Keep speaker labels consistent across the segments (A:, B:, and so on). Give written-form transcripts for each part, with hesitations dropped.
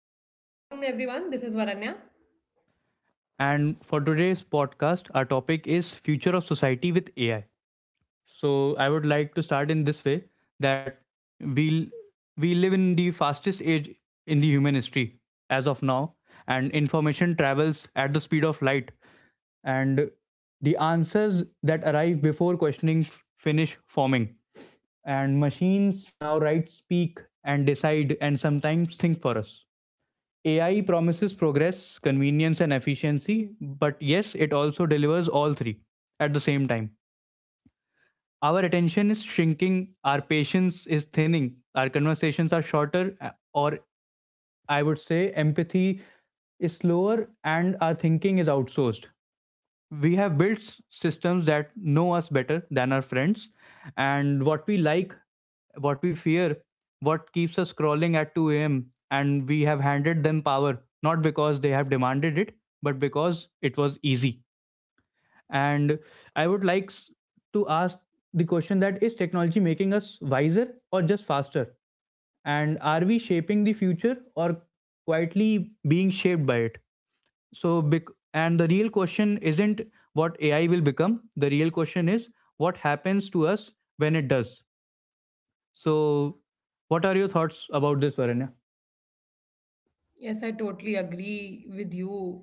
A: Hello, good afternoon, everyone. This is Varanya.
B: and for today's podcast, our topic is future of society with AI. So, I would like to start in this way that we we live in the fastest age in the human history as of now, and information travels at the speed of light, and the answers that arrive before questioning finish forming, and machines now write, speak, and decide, and sometimes think for us. AI promises progress, convenience, and efficiency, but yes, it also delivers all three at the same time. Our attention is shrinking, our patience is thinning, our conversations are shorter, or I would say empathy is slower, and our thinking is outsourced. We have built systems that know us better than our friends, and what we like, what we fear, what keeps us scrolling at 2 a.m., and we have handed them power not because they have demanded it, but because it was easy. And I would like to ask the question: that is technology making us wiser or just faster, and are we shaping the future or quietly being shaped by it? So big, and the real question isn't what AI will become. The real question is what happens to us when it does. So what are your thoughts about this, Varanya?
A: Yes, I totally agree with you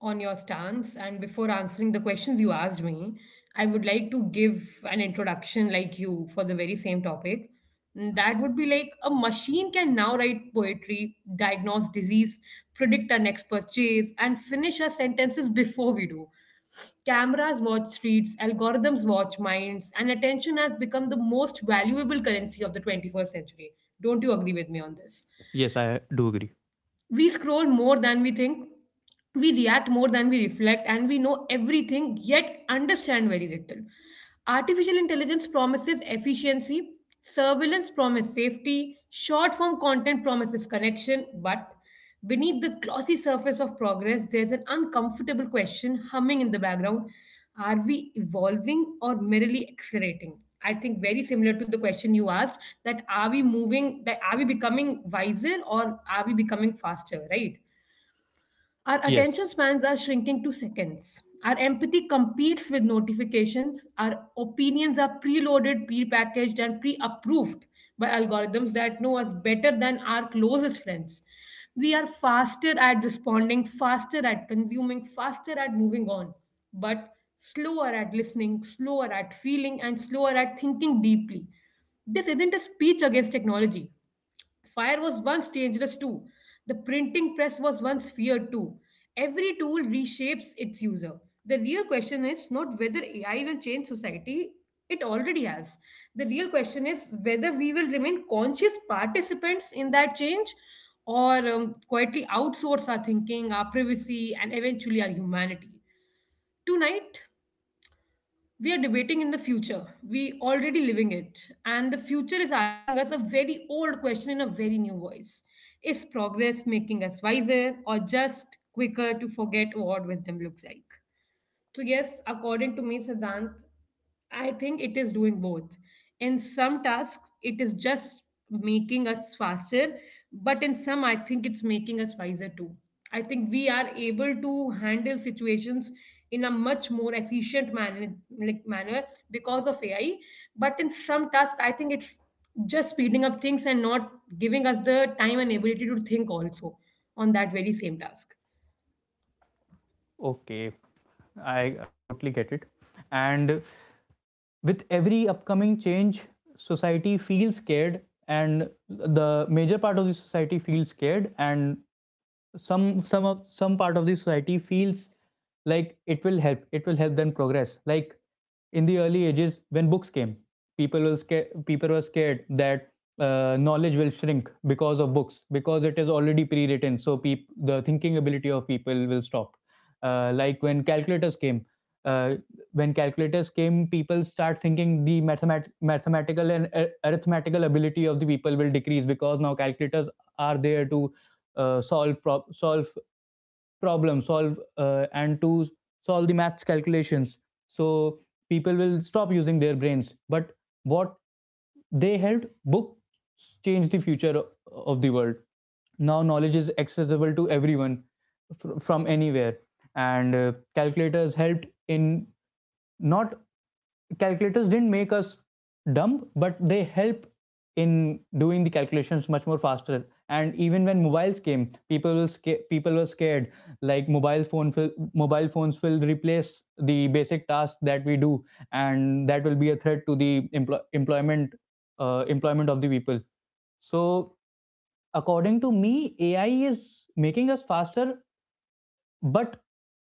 A: on your stance. And before answering the questions you asked me, I would like to give an introduction like you for the very same topic. That would be like a machine can now write poetry, diagnose disease, predict our next purchase, and finish our sentences before we do. Cameras watch streets, algorithms watch minds, and attention has become the most valuable currency of the 21st century. Don't you agree with me on this?
B: Yes, I do agree.
A: We scroll more than we think. We react more than we reflect, and we know everything yet understand very little. Artificial intelligence promises efficiency, surveillance promises safety, short form content promises connection, but beneath the glossy surface of progress there's an uncomfortable question humming in the background. Are we evolving or merely accelerating? I think very similar to the question you asked, that are we becoming wiser or are we becoming faster, right? Our attention
B: Yes.
A: spans are shrinking to seconds. Our empathy competes with notifications. Our opinions are preloaded, prepackaged, and pre approved by algorithms that know us better than our closest friends. We are faster at responding, faster at consuming, faster at moving on, but slower at listening, slower at feeling, and slower at thinking deeply. This isn't a speech against technology. Fire was once dangerous too. The printing press was once feared too. Every tool reshapes its user. The real question is not whether AI will change society, it already has. The real question is whether we will remain conscious participants in that change or quietly outsource our thinking, our privacy, and eventually our humanity. Tonight, we are debating in the future. We already living it. And the future is asking us a very old question in a very new voice. Is progress making us wiser or just quicker to forget what wisdom looks like? So, yes, according to me, Siddhant, I think it is doing both. In some tasks, it is just making us faster, but in some, I think it's making us wiser too. I think we are able to handle situations in a much more efficient manner, like manner, because of AI. But in some tasks, I think it's just speeding up things and not giving us the time and ability to think also on that very same task.
B: Okay, i I totally get it. And with every upcoming change, society feels scared, and the major part of the society feels scared, and some some of some part of the society feels like it will help them progress. Like in the early ages when books came, people were scared that knowledge will shrink because of books, because it is already pre-written, so the thinking ability of people will stop. Like when calculators came, uh, people start thinking the mathematical and arithmetical ability of the people will decrease, because now calculators are there to solve problem, solve and to solve the math calculations. So people will stop using their brains, but what they held, books changed the future of the world. Now knowledge is accessible to everyone, from anywhere. And calculators helped in not, calculators didn't make us dumb, but they help in doing the calculations much more faster. And even when mobiles came, people were scared. Like mobile phones will replace the basic tasks that we do, and that will be a threat to the employment of the people. So according to me, AI is making us faster, but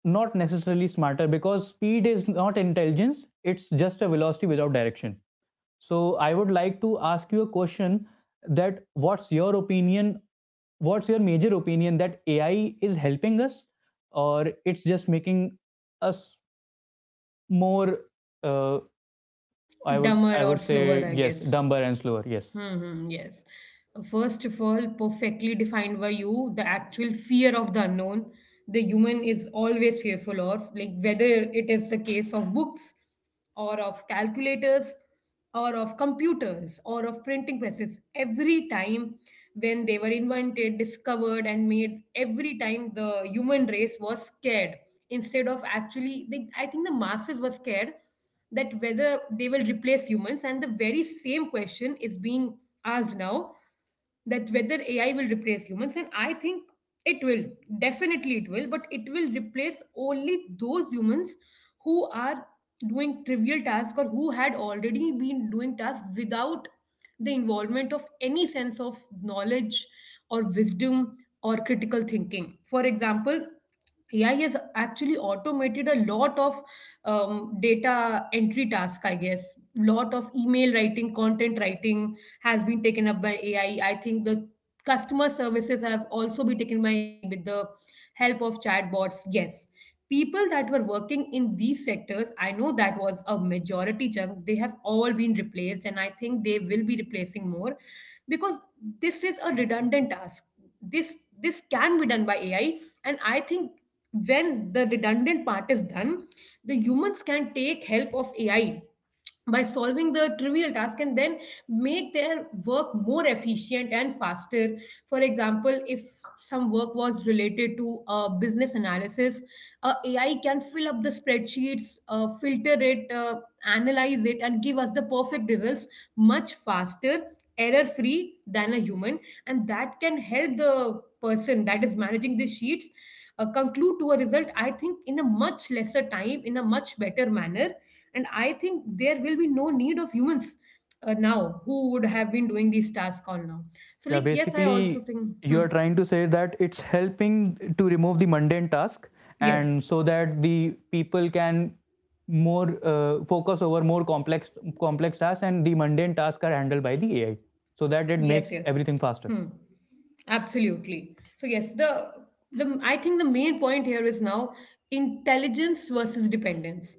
B: not necessarily smarter, because speed is not intelligence, it's just a velocity without direction. So I would like to ask you a question: that what's your opinion, what's your major opinion, that AI is helping us or it's just making us more, uh, i would
A: Dumber
B: i
A: or
B: would say
A: slower, I
B: Yes,
A: guess.
B: dumber and slower. Yes.
A: Yes. First of all, perfectly defined by you, the actual fear of the unknown, the human is always fearful of, like whether it is the case of books or of calculators or of computers or of printing presses. Every time when they were invented, discovered, and made, every time the human race was scared instead of I think the masses were scared that whether they will replace humans, and the very same question is being asked now, that whether AI will replace humans, and I think it will. Definitely it will, but it will replace only those humans who are doing trivial tasks, or who had already been doing tasks without the involvement of any sense of knowledge or wisdom or critical thinking. For example, AI has actually automated a lot of data entry task, I guess. Lot of email writing, content writing has been taken up by AI. I think the customer services have also been taken by AI with the help of chatbots. Yes, people that were working in these sectors, I know that was a majority chunk. They have all been replaced, and I think they will be replacing more because this is a redundant task. This can be done by AI, and I think when the redundant part is done, the humans can take help of AI by solving the trivial task and then make their work more efficient and faster. For example, if some work was related to business analysis, AI can fill up the spreadsheets, filter it, analyze it, and give us the perfect results, much faster, error free, than a human. And that can help the person that is managing the sheets, conclude to a result, I think, in a much lesser time, in a much better manner. And I think there will be no need of humans, now, who would have been doing these tasks all now. So,
B: Yeah,
A: like, yes, I also
B: basically,
A: think.
B: you
A: Hmm.
B: are trying to say that it's helping to remove the mundane task,
A: Yes,
B: and so that the people can more focus over more complex complex tasks, and the mundane tasks are handled by the AI, so that it
A: yes.
B: makes
A: Yes.
B: everything faster.
A: Hmm. Absolutely. So yes, the I think the main point here is now intelligence versus dependence.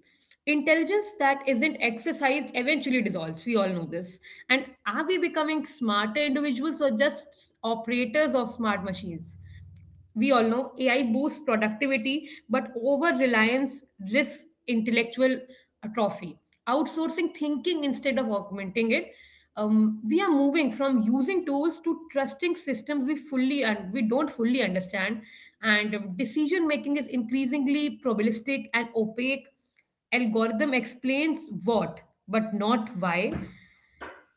A: Intelligence that isn't exercised eventually dissolves, we all know this. And are we becoming smarter individuals or just operators of smart machines? We all know AI boosts productivity, but over reliance risks intellectual atrophy. Outsourcing thinking instead of augmenting it. We are moving from using tools to trusting systems we fully and we don't fully understand, and decision making is increasingly probabilistic and opaque. Algorithm explains what, but not why.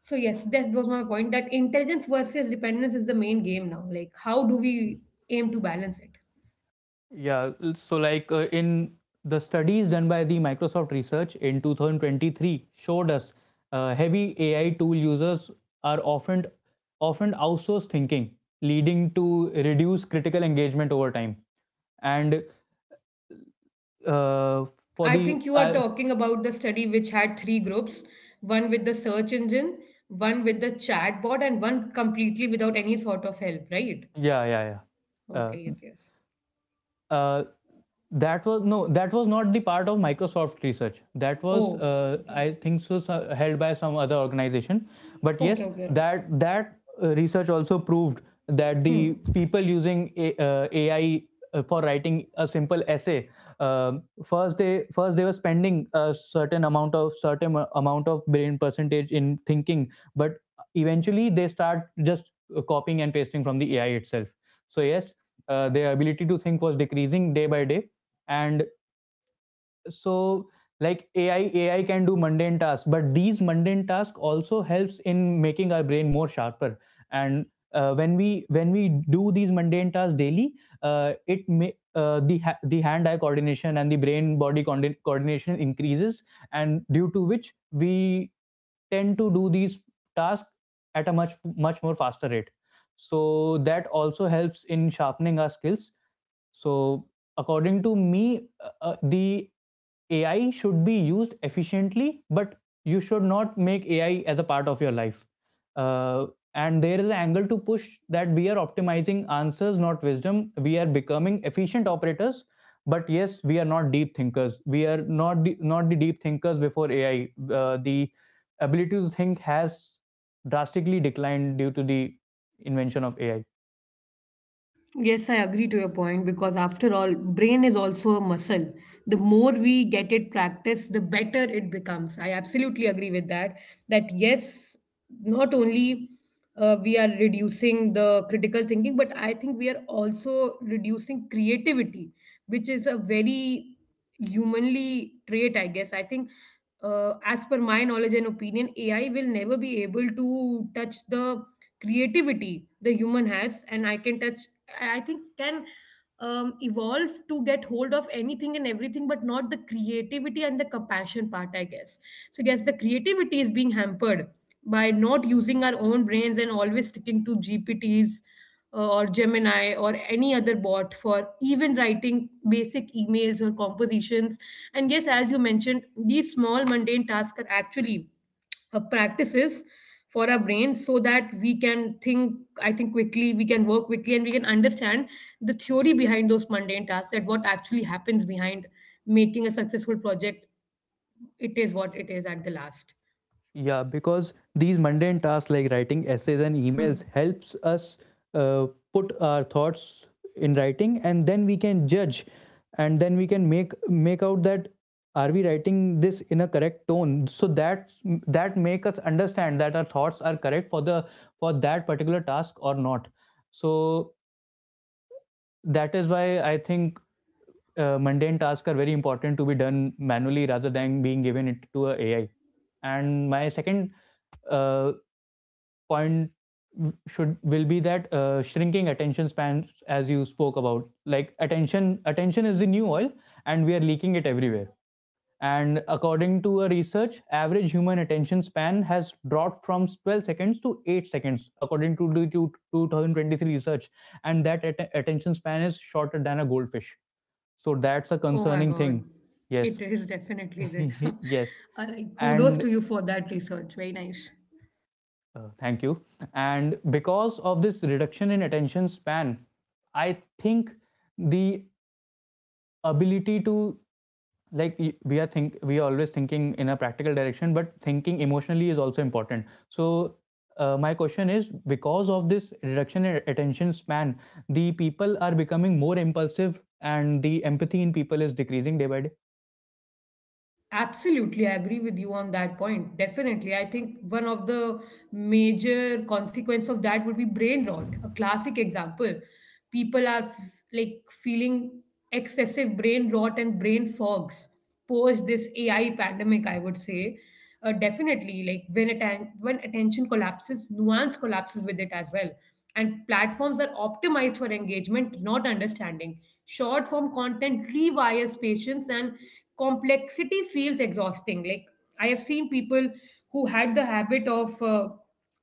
A: So yes, that was my point. That intelligence versus dependence is the main game now. Like, how do we aim to balance it?
B: Yeah, so like in the studies done by the Microsoft research in 2023, showed us heavy AI tool users are often outsource thinking, leading to reduced critical engagement over time. And uh, for
A: I
B: the
A: think you are talking about the study which had three groups, one with the search engine, one with the chatbot, and one completely without any sort of help, right?
B: yeah, yeah. Yeah,
A: Okay, yes, yes.
B: uh, that was no, that was not the part of Microsoft research, that was
A: Oh, okay.
B: I think so, held by some other organization. But
A: Okay,
B: yes,
A: okay.
B: that research also proved that
A: Hmm.
B: the people using AI for writing a simple essay, first they were spending a certain amount of brain percentage in thinking, but eventually they start just copying and pasting from the AI itself. So yes, their ability to think was decreasing day by day. And so like AI can do mundane tasks, but these mundane tasks also helps in making our brain more sharper. And when we do these mundane tasks daily, it may the ha- the hand eye coordination and the brain body coordination increases, and due to which we tend to do these tasks at a much more faster rate. So that also helps in sharpening our skills. So according to me, the AI should be used efficiently, but you should not make AI as a part of your life. uh, and there is an angle to push that we are optimizing answers, not wisdom. We are becoming efficient operators, but yes, we are not deep thinkers. We are not the deep thinkers. Before AI, the ability to think has drastically declined due to the invention of AI.
A: Yes, I agree to your point, because after all, brain is also a muscle. The more we get it practiced, the better it becomes. I absolutely agree with that. That yes, not only we are reducing the critical thinking, but I think we are also reducing creativity, which is a very humanly trait, I guess. I think, as per my knowledge and opinion, AI will never be able to touch the creativity the human has, and I can touch I think can evolve to get hold of anything and everything, but not the creativity and the compassion part, I guess. So, I guess the creativity is being hampered by not using our own brains and always sticking to GPTs, or Gemini or any other bot, for even writing basic emails or compositions. And yes, as you mentioned, these small mundane tasks are actually practices for our brain, so that we can think. I think quickly we can work quickly, and we can understand the theory behind those mundane tasks and what actually happens behind making a successful project. It is what it is at the last.
B: Yeah, because these mundane tasks like writing essays and
A: Hmm.
B: emails helps us uh, put our thoughts in writing, and then we can judge, and then we can make out that are we writing this in a correct tone. So that that make us understand that our thoughts are correct for the for that particular task or not. So that is why I think mundane tasks are very important to be done manually rather than being given it to a AI. And my second uh, point should will be that shrinking attention spans, as you spoke about. Like attention is the new oil, and we are leaking it everywhere. And according to a research, average human attention span has dropped from 12 seconds to 8 seconds, according to the 2023 research, and that attention span is shorter than a goldfish. So that's a
A: Oh my
B: concerning
A: god.
B: thing.
A: It
B: Yes.
A: is definitely there.
B: Yes.
A: Like, kudos
B: And
A: to you for that research, very nice.
B: Thank you. And because of this reduction in attention span, I think the ability to, like, we are always thinking in a practical direction, but thinking emotionally is also important. So my question is, because of this reduction in attention span, the people are becoming more impulsive and the empathy in people is decreasing day by day.
A: Absolutely, I agree with you on that point. Definitely. I think one of the major consequence of that would be brain rot. A classic example. People are f- like, feeling excessive brain rot and brain fogs post this AI pandemic, I would say. Definitely, like, when attention collapses, nuance collapses with it as well, and platforms are optimized for engagement, not understanding. Short form content rewires patience, and complexity feels exhausting. Like, I have seen people who had the habit of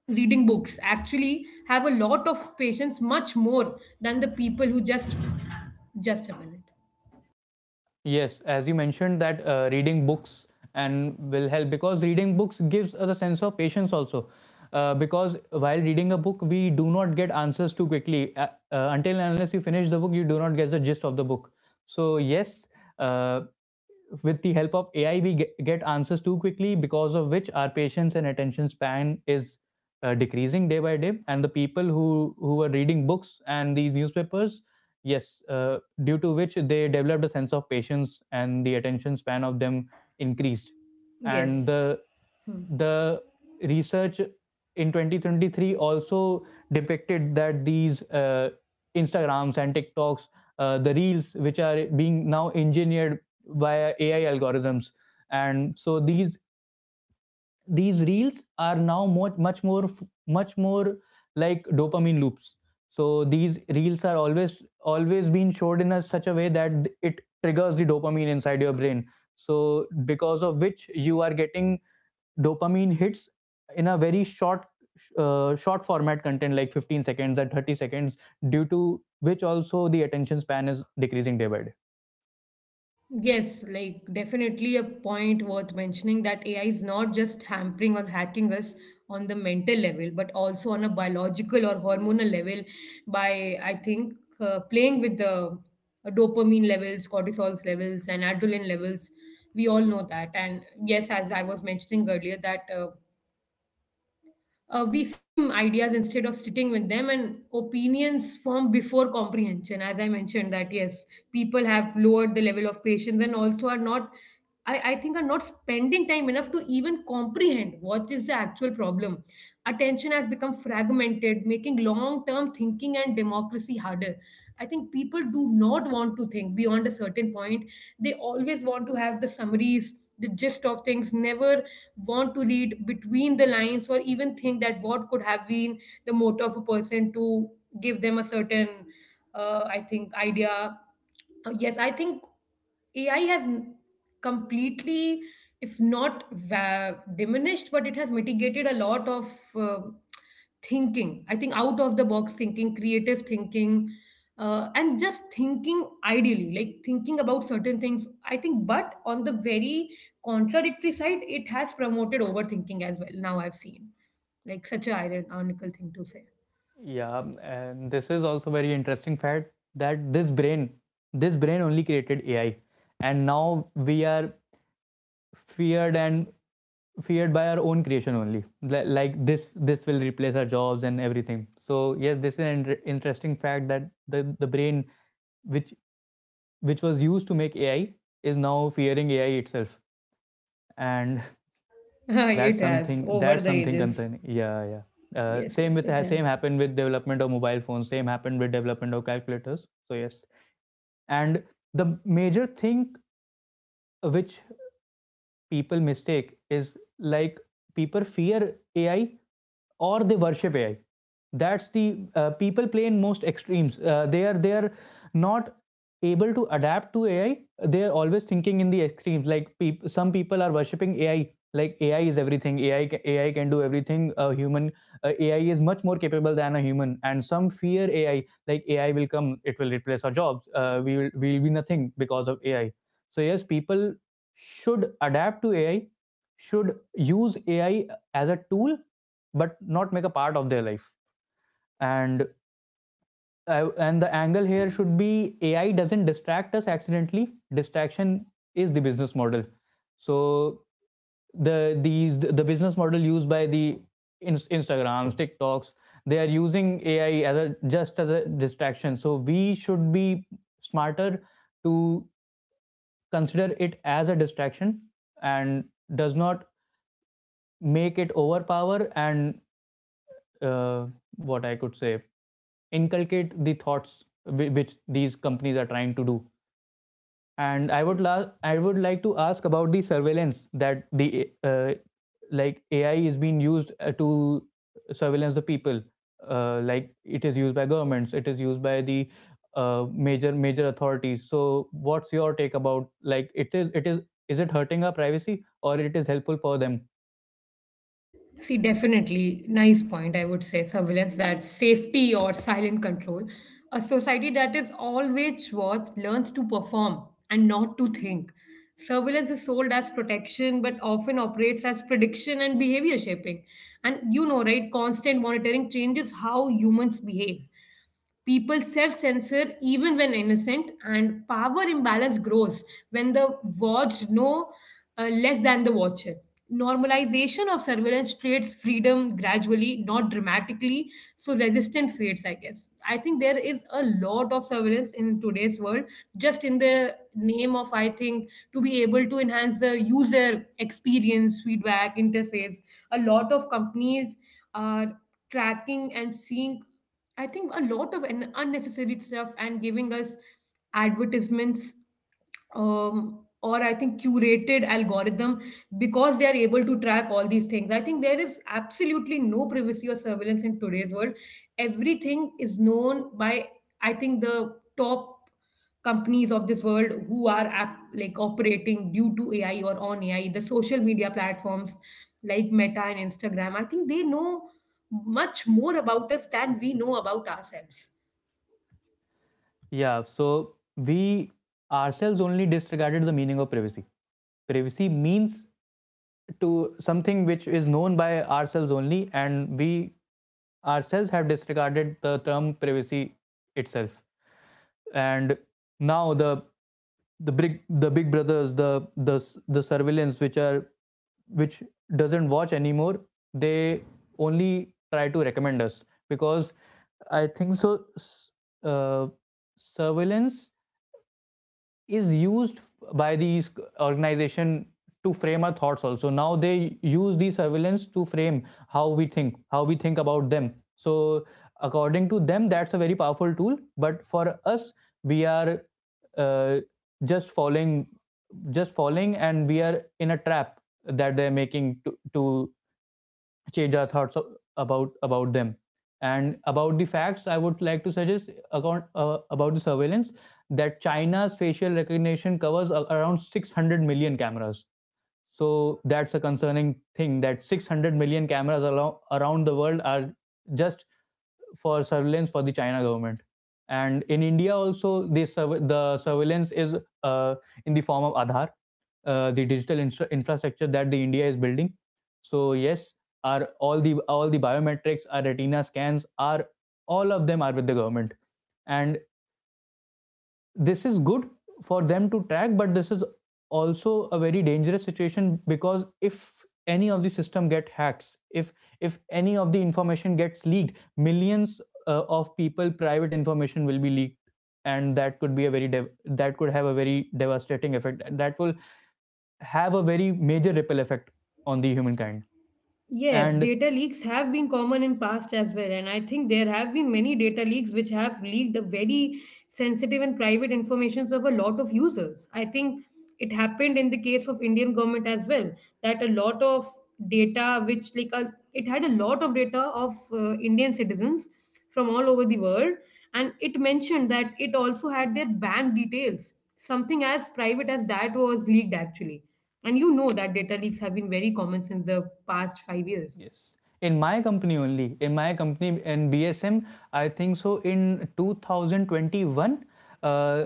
A: reading books actually have a lot of patience, much more than the people who just. Just a minute.
B: Yes, as you mentioned that reading books and will help, because reading books gives us a sense of patience also. Because while reading a book, we do not get answers too quickly. Until and unless you finish the book, you do not get the gist of the book. So yes, uh, with the help of AI, we get answers too quickly, because of which our patience and attention span is decreasing day by day. And the people who were reading books and these newspapers, yes, due to which they developed a sense of patience, and the attention span of them increased. And
A: Yes.
B: the research in 2023 also depicted that these Instagrams and TikToks, the reels which are being now engineered via AI algorithms, and so these reels are now much more like dopamine loops. So these reels are always being showed in a such a way that it triggers the dopamine inside your brain. So because of which you are getting dopamine hits in a very short format content, like 15 seconds or 30 seconds, due to which also the attention span is decreasing day by day.
A: Yes, like definitely a point worth mentioning that AI is not just hampering or hacking us on the mental level, but also on a biological or hormonal level by, I think, playing with the dopamine levels, cortisol's levels, and adrenaline levels. We all know that. And yes, as I was mentioning earlier, that we skim ideas instead of sitting with them, and opinions form before comprehension. As I mentioned, that yes, people have lowered the level of patience, and also are not, I think are not, spending time enough to even comprehend what is the actual problem. Attention has become fragmented, making long term thinking and democracy harder. I think people do not want to think beyond a certain point. They always want to have the summaries, the gist of things, never want to read between the lines or even think that what could have been the motive of a person to give them a certain I think idea. Yes, I think ai has n- completely, if not diminished, but it has mitigated a lot of uh, thinking. I think out of the box thinking, creative thinking, and just thinking ideally, like thinking about certain things, I think. But on the very contradictory side, it has promoted overthinking as well, now I've seen. Like, such a ironical thing to say.
B: Yeah, and this is also very interesting fact that this brain, this brain only created AI, and now we are feared and feared by our own creation only. Like this will replace our jobs and everything. So yes, this is an interesting fact that the brain which was used to make AI is now fearing AI itself, and that's
A: It has over the
B: something
A: ages.
B: concerning. Yeah, yeah.
A: Yes, yes,
B: Same with,
A: it has.
B: same happened with development of mobile phones. Same happened with development of calculators. So yes, and the major thing which people mistake is like people fear AI or they worship AI. That's the people play in most extremes. They are not able to adapt to AI. They are always thinking in the extremes. Like peop some people are worshiping AI. Like AI is everything. AI can do everything. A human AI is much more capable than a human. And some fear AI. Like AI will come. It will replace our jobs. We will be nothing because of AI. So yes, people should adapt to AI, should use AI as a tool, but not make a part of their life. And and the angle here should be AI doesn't distract us accidentally. Distraction is the business model. So the business model used by the Instagrams, TikToks, they are using AI as a, just as a distraction. So we should be smarter to consider it as a distraction and does not make it overpower and uh, what I could say, inculcate the thoughts which these companies are trying to do. And I would like to ask about the surveillance that the like AI is being used to surveillance the people. Like it is used by governments, it is used by the major authorities. So what's your take about like it is it hurting our privacy or it is helpful for them?
A: See, definitely, nice point, I would say. Surveillance that safety or silent control. A society that is always watched learns to perform and not to think. Surveillance is sold as protection but often operates as prediction and behavior shaping. And you know, right, constant monitoring changes how humans behave. People self censor even when innocent, and power imbalance grows when the watched know less than the watcher. Normalization of surveillance creates freedom gradually, not dramatically, so resistance fades, I guess. I think there is a lot of surveillance in today's world, just in the name of, I think, to be able to enhance the user experience, feedback, interface. A lot of companies are tracking and seeing, I think, a lot of unnecessary stuff and giving us advertisements, or, I think, curated algorithm because they are able to track all these things. I think there is absolutely no privacy or surveillance in today's world. Everything is known by, I think, the top companies of this world who are like, operating due to AI or on AI, the social media platforms like Meta and Instagram. I think they know much more about us than we know about ourselves.
B: Yeah, so we ourselves only disregarded the meaning of privacy. Privacy means to something which is known by ourselves only, and we ourselves have disregarded the term privacy itself. And now the big brothers, the surveillance which are which doesn't watch anymore, they only try to recommend us because I think so. Uh, Surveillance is used by these organization to frame our thoughts. Also now they use the surveillance to frame how we think, about them. So according to them, that's a very powerful tool, but for us, we are uh, just following just following and we are in a trap that they're making to change our thoughts about them and about the facts. I would like to suggest account, about the surveillance, that China's facial recognition covers around 600 million cameras. So that's a concerning thing, that 600 million cameras around the world are just for surveillance for the China government. And in India also, the surveillance is uh, in the form of Aadhaar, the digital infrastructure that the India is building. So yes, are all the biometrics, our retina scans, are all of them are with the government, and this is good for them to track, but this is also a very dangerous situation. Because if any of the system get hacks, if any of the information gets leaked, millions of people private information will be leaked, and that could be a very that could have a very devastating effect, that will have a very major ripple effect on the humankind.
A: Yes,
B: And
A: data leaks have been common in past as well, and I think there have been many data leaks which have leaked the very sensitive and private informations of a lot of users. I think it happened in the case of indian government as well, that a lot of data it had a lot of data of indian citizens from all over the world, and it mentioned that it also had their bank details, something as private as that was leaked, actually. And you know that data leaks have been very common since the past 5 years.
B: yes, in my company only, in my company in BSM, I think so in 2021, uh,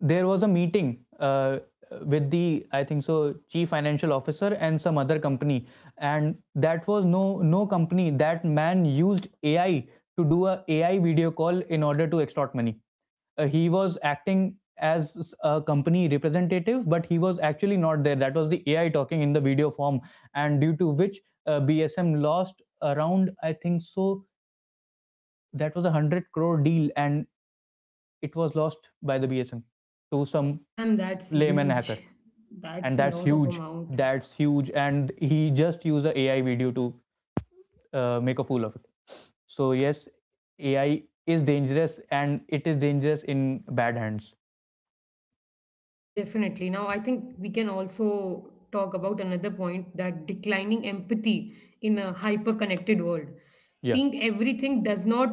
B: there was a meeting with the, I think so, chief financial officer and some other company. And that was no, no company, that man used AI to do a AI video call in order to extort money. He was acting as a company representative, but he was actually not there. That was the AI talking in the video form, and due to which BSM lost around, I think so, that was a 100 crore deal, and it was lost by the BSM to some
A: Damn, that's
B: layman hacker,
A: huge. That's
B: and
A: a
B: that's
A: lot of
B: huge.
A: amount.
B: That's huge, and he just used an a AI video to make a fool of it. So yes, AI is dangerous, and it is dangerous in bad hands.
A: Yes, definitely. Now, I think we can also talk about another point, that declining empathy in a hyper connected world.
B: Yeah.
A: Seeing everything does not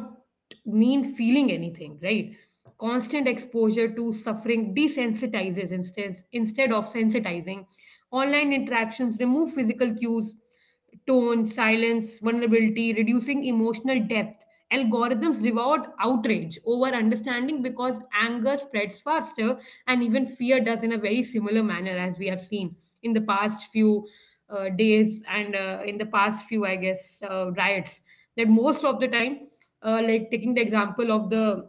A: mean feeling anything, right? Constant exposure to suffering desensitizes instead of sensitizing. Online interactions remove physical cues, tone, silence, vulnerability, reducing emotional depth. Algorithms reward outrage over understanding because anger spreads faster, and even fear does in a very similar manner, as we have seen in the past few days, and in the past few, I guess, riots, that most of the time, like taking the example of the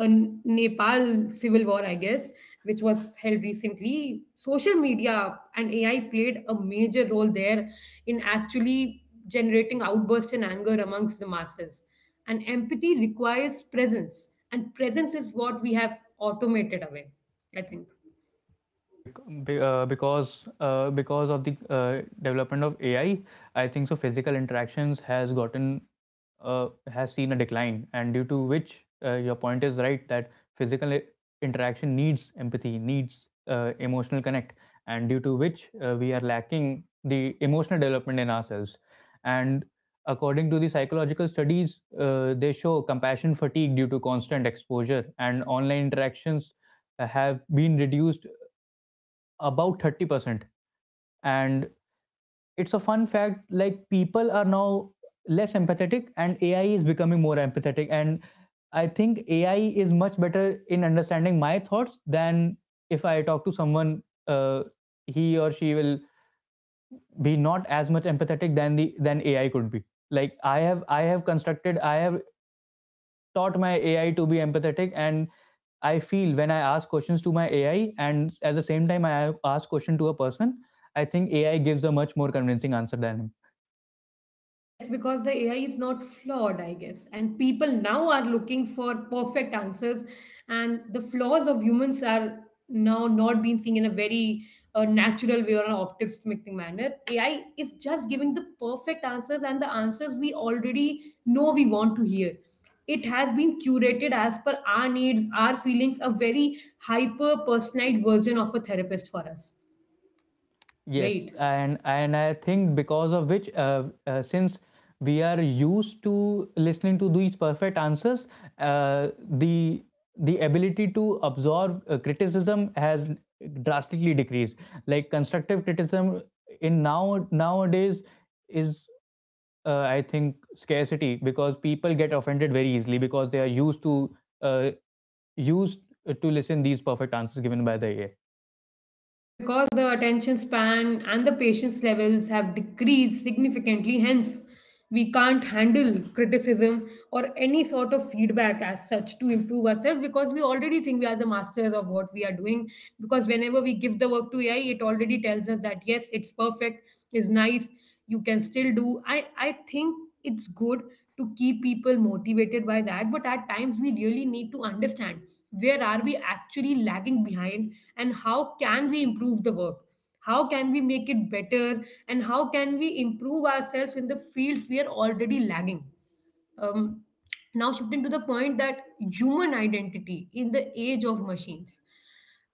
A: uh, Nepal civil war, I guess, which was held recently. Social media and AI played a major role there in actually generating outburst and anger amongst the masses. And empathy requires presence, and presence is what we have automated away, I think.
B: Because of the development of AI, I think so physical interactions has gotten uh, has seen a decline, and due to which your point is right, that physical interaction needs empathy, needs emotional connect, and due to which we are lacking the emotional development in ourselves. And according to the psychological studies, they show compassion fatigue due to constant exposure, and online interactions have been reduced about 30%. And it's a fun fact, like people are now less empathetic and AI is becoming more empathetic. And I think AI is much better in understanding my thoughts than if I talk to someone. uh, he or she will be not as much empathetic than the than AI could be. Like I have taught my AI to be empathetic, and I feel when I ask questions to my AI, and at the same time I ask question to a person, I think AI gives a much more convincing answer than him.
A: Yes, because the AI is not flawed, I guess. And people now are looking for perfect answers, and the flaws of humans are now not being seen in a very natural way or an optimistic manner. AI is just giving the perfect answers and the answers we already know we want to hear. It has been curated as per our needs, our feelings, a very hyper personalized version of a therapist for us, right?
B: Yes, and I think because of which, since we are used to listening to these perfect answers, uh, the the ability to absorb criticism has drastically decreased. Like constructive criticism in now nowadays is I think scarcity, because people get offended very easily because they are used to uh, used to listen these perfect answers given by the AI.
A: It's because the attention span and the patience levels have decreased significantly, hence we can't handle criticism or any sort of feedback as such to improve ourselves because we already think we are the masters of what we are doing. Because whenever we give the work to AI, it already tells us that yes, it's perfect, it's nice, you can still do, I think, it's good to keep people motivated by that, but at times we really need to understand where are we actually lagging behind, and how can we improve the work, how can we make it better, and how can we improve ourselves in the fields we are already lagging. um, Now, shifting to the point that human identity in the age of machines,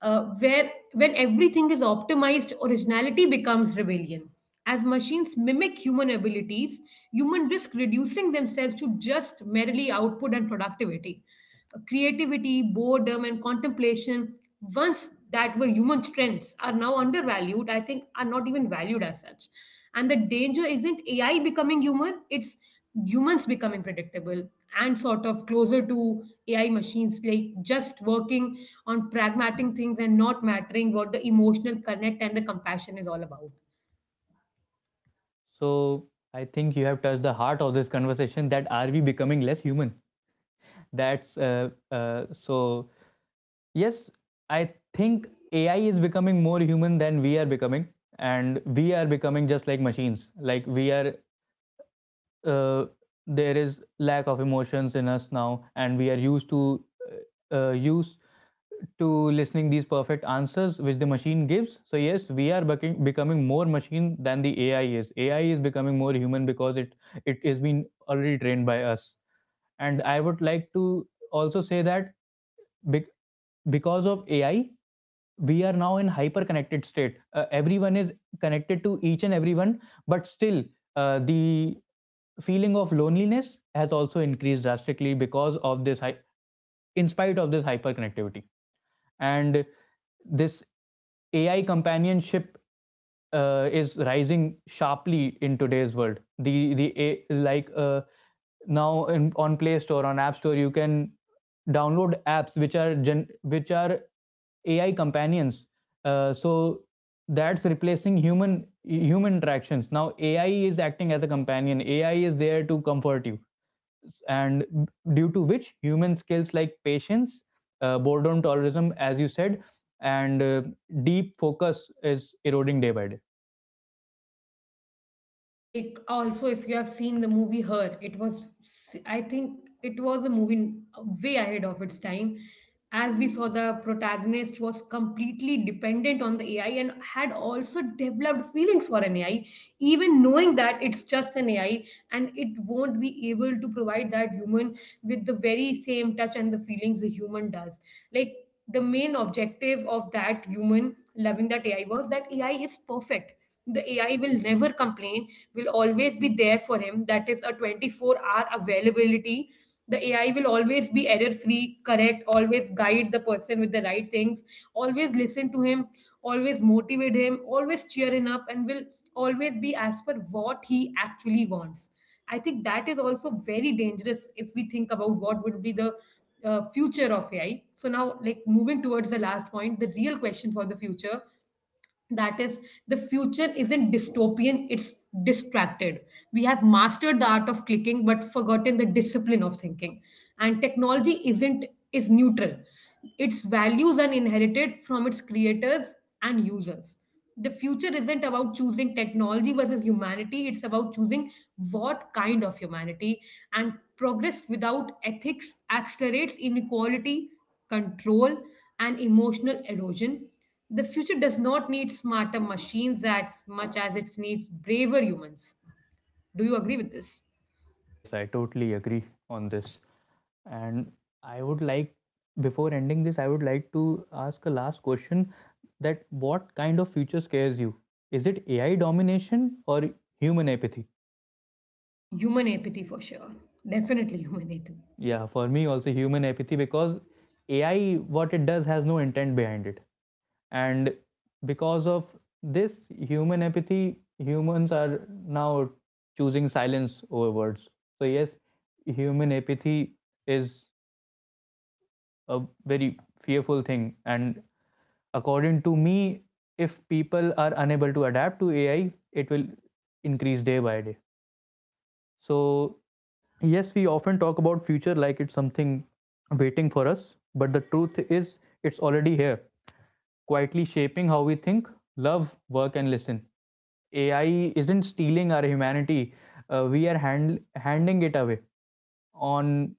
A: where when everything is optimized, originality becomes rebellion. As machines mimic human abilities, humans risk reducing themselves to just merely output and productivity. Creativity, boredom, and contemplation, once that were human strengths, are now undervalued, I think, are not even valued as such. And the danger isn't AI becoming human, it's humans becoming predictable and sort of closer to AI machines, like just working on pragmatic things and not mattering what the emotional connect and the compassion is all about.
B: So I think you have touched the heart of this conversation, that are we becoming less human? That's so yes, I think AI is becoming more human than we are becoming, and we are becoming just like machines. Like we are uh, there is lack of emotions in us now, and we are used to used to listening these perfect answers which the machine gives. So yes, we are becoming more machine than the AI is. AI is becoming more human because it has been already trained by us. And I would like to also say that, bec- because of AI, we are now in hyper connected state. Everyone is connected to each and everyone, but still the feeling of loneliness has also increased drastically because of this, in spite of this hyper connectivity. And this AI companionship is rising sharply in today's world. Like now in, on Play Store, on App Store, you can download apps which are gen, which are AI companions. So that's replacing human interactions. Now AI is acting as a companion. AI is there to comfort you, and due to which human skills like patience, boredom tolerism, as you said, and deep focus is eroding day by day.
A: Like, also, if you have seen the movie Her, it was, I think, it was a movie way ahead of its time, as we saw the protagonist was completely dependent on the AI and had also developed feelings for an AI, even knowing that it's just an AI and it won't be able to provide that human with the very same touch and the feelings a human does. Like, the main objective of that human loving that AI was that AI is perfect, the AI will never complain, will always be there for him. That is a 24-hour availability. The AI will always be error-free, correct, always guide the person with the right things, always listen to him, always motivate him, always cheer him up, and will always be as per what he actually wants. I think that is also very dangerous if we think about what would be the future of AI. So now, like moving towards the last point, the real question for the future, that is, the future isn't dystopian, it's distracted. We have mastered the art of clicking but forgotten the discipline of thinking, and technology isn't, is neutral. Its values are inherited from its creators and users. The future isn't about choosing technology versus humanity, it's about choosing what kind of humanity, and progress without ethics accelerates inequality, control, and emotional erosion. The future does not need smarter machines as much as it needs braver humans. Do you agree with this?
B: Yes, I totally agree on this. And I would like, before ending this, I would like to ask a last question, that what kind of future scares you? Is it AI domination or human apathy?
A: Human apathy, for sure. Definitely human apathy.
B: Yeah, for me also human apathy, because AI what it does has no intent behind it. And because of this human apathy, humans are now choosing silence over words. So yes, human apathy is a very fearful thing, and according to me, if people are unable to adapt to AI, it will increase day by day. So yes, we often talk about future like it's something waiting for us, but the truth is it's already here, quietly shaping how we think, love, work, and listen. AI isn't stealing our humanity, uh, we are hand- handing it away on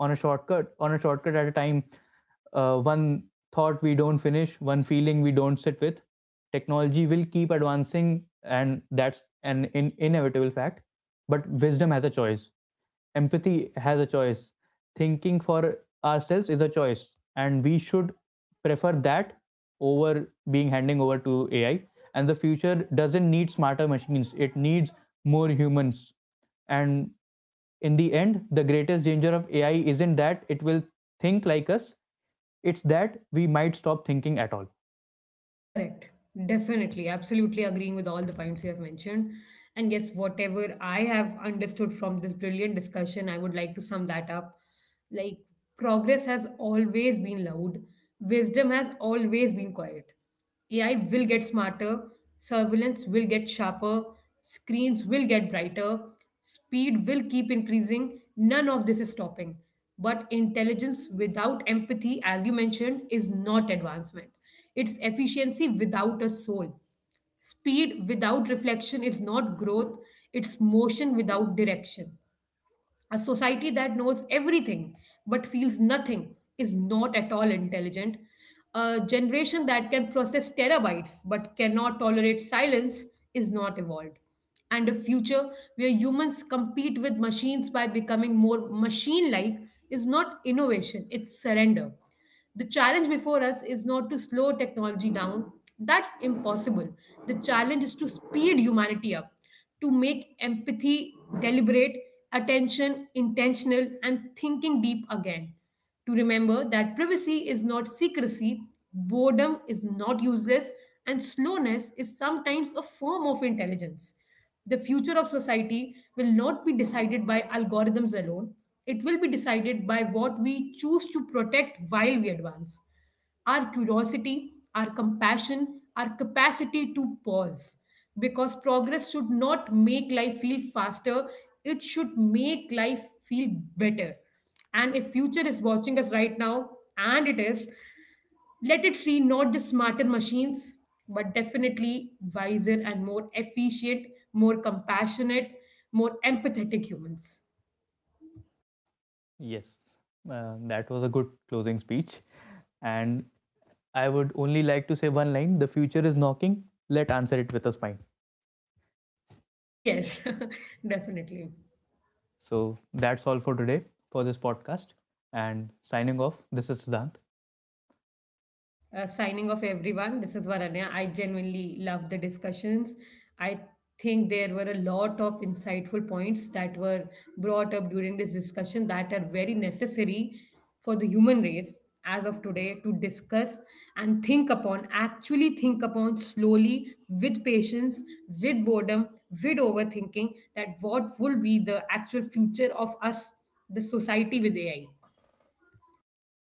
B: on a shortcut at a time. One thought we don't finish, one feeling we don't sit with. Technology will keep advancing, and that's an inevitable fact, but wisdom has a choice, empathy has a choice, thinking for ourselves is a choice, and we should prefer that over being handing over to AI. And the future doesn't need smarter machines, it needs more humans. And in the end, the greatest danger of AI isn't that it will think like us, it's that we might stop thinking at all.
A: Correct. Definitely. Absolutely agreeing with all the points you have mentioned. And yes, whatever I have understood from this brilliant discussion, I would like to sum that up. Like, progress has always been loud, wisdom has always been quiet. AI will get smarter, surveillance will get sharper, screens will get brighter, speed will keep increasing. None of this is stopping. But intelligence without empathy, as you mentioned, is not advancement. It's efficiency without a soul. Speed without reflection is not growth, it's motion without direction. A society that knows everything but feels nothing is not at all intelligent. A generation that can process terabytes but cannot tolerate silence is not evolved. And a future where humans compete with machines by becoming more machine like is not innovation, it's surrender. The challenge before us is not to slow technology down. That's impossible. The challenge is to speed humanity up, to make empathy deliberate, attention intentional, and thinking deep again. To remember that privacy is not secrecy, boredom is not useless, and slowness is sometimes a form of intelligence. The future of society will not be decided by algorithms alone, it will be decided by what we choose to protect while we advance our curiosity, our compassion, our capacity to pause. Because progress should not make life feel faster, it should make life feel better. And if future is watching us right now, and it is, let it see not just smarter machines, but definitely wiser and more efficient, more compassionate, more empathetic humans.
B: Yes, that was a good closing speech. And I would only like to say one line: the future is knocking, let answer it with a smile.
A: Yes, definitely.
B: So that's all for today for this podcast. And signing off, this is Siddhant.
A: Signing off, everyone. This is Varanya. I genuinely love the discussions. I think there were a lot of insightful points that were brought up during this discussion that are very necessary for the human race as of today to discuss and think upon, actually think upon slowly, with patience, with boredom, with overthinking, that what will be the actual future of us, the society with AI.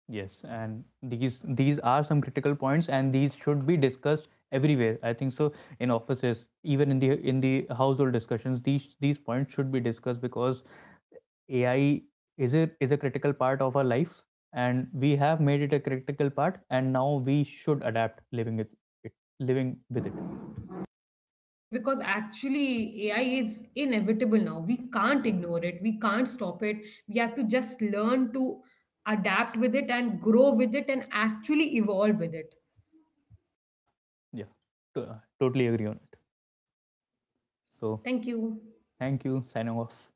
B: Yes, and these are some critical points, and these should be discussed everywhere. I think so in offices, even in the household discussions, these points should be discussed because AI is a critical part of our life, and we have made it a critical part, and now we should adapt living it, it living with it.
A: Yes, because actually AI is inevitable now. We can't ignore it. We can't stop it. We have to just learn to adapt with it and grow with it and actually evolve with it.
B: Yeah, totally agree on it. So
A: Thank you.
B: thank you. Signing off.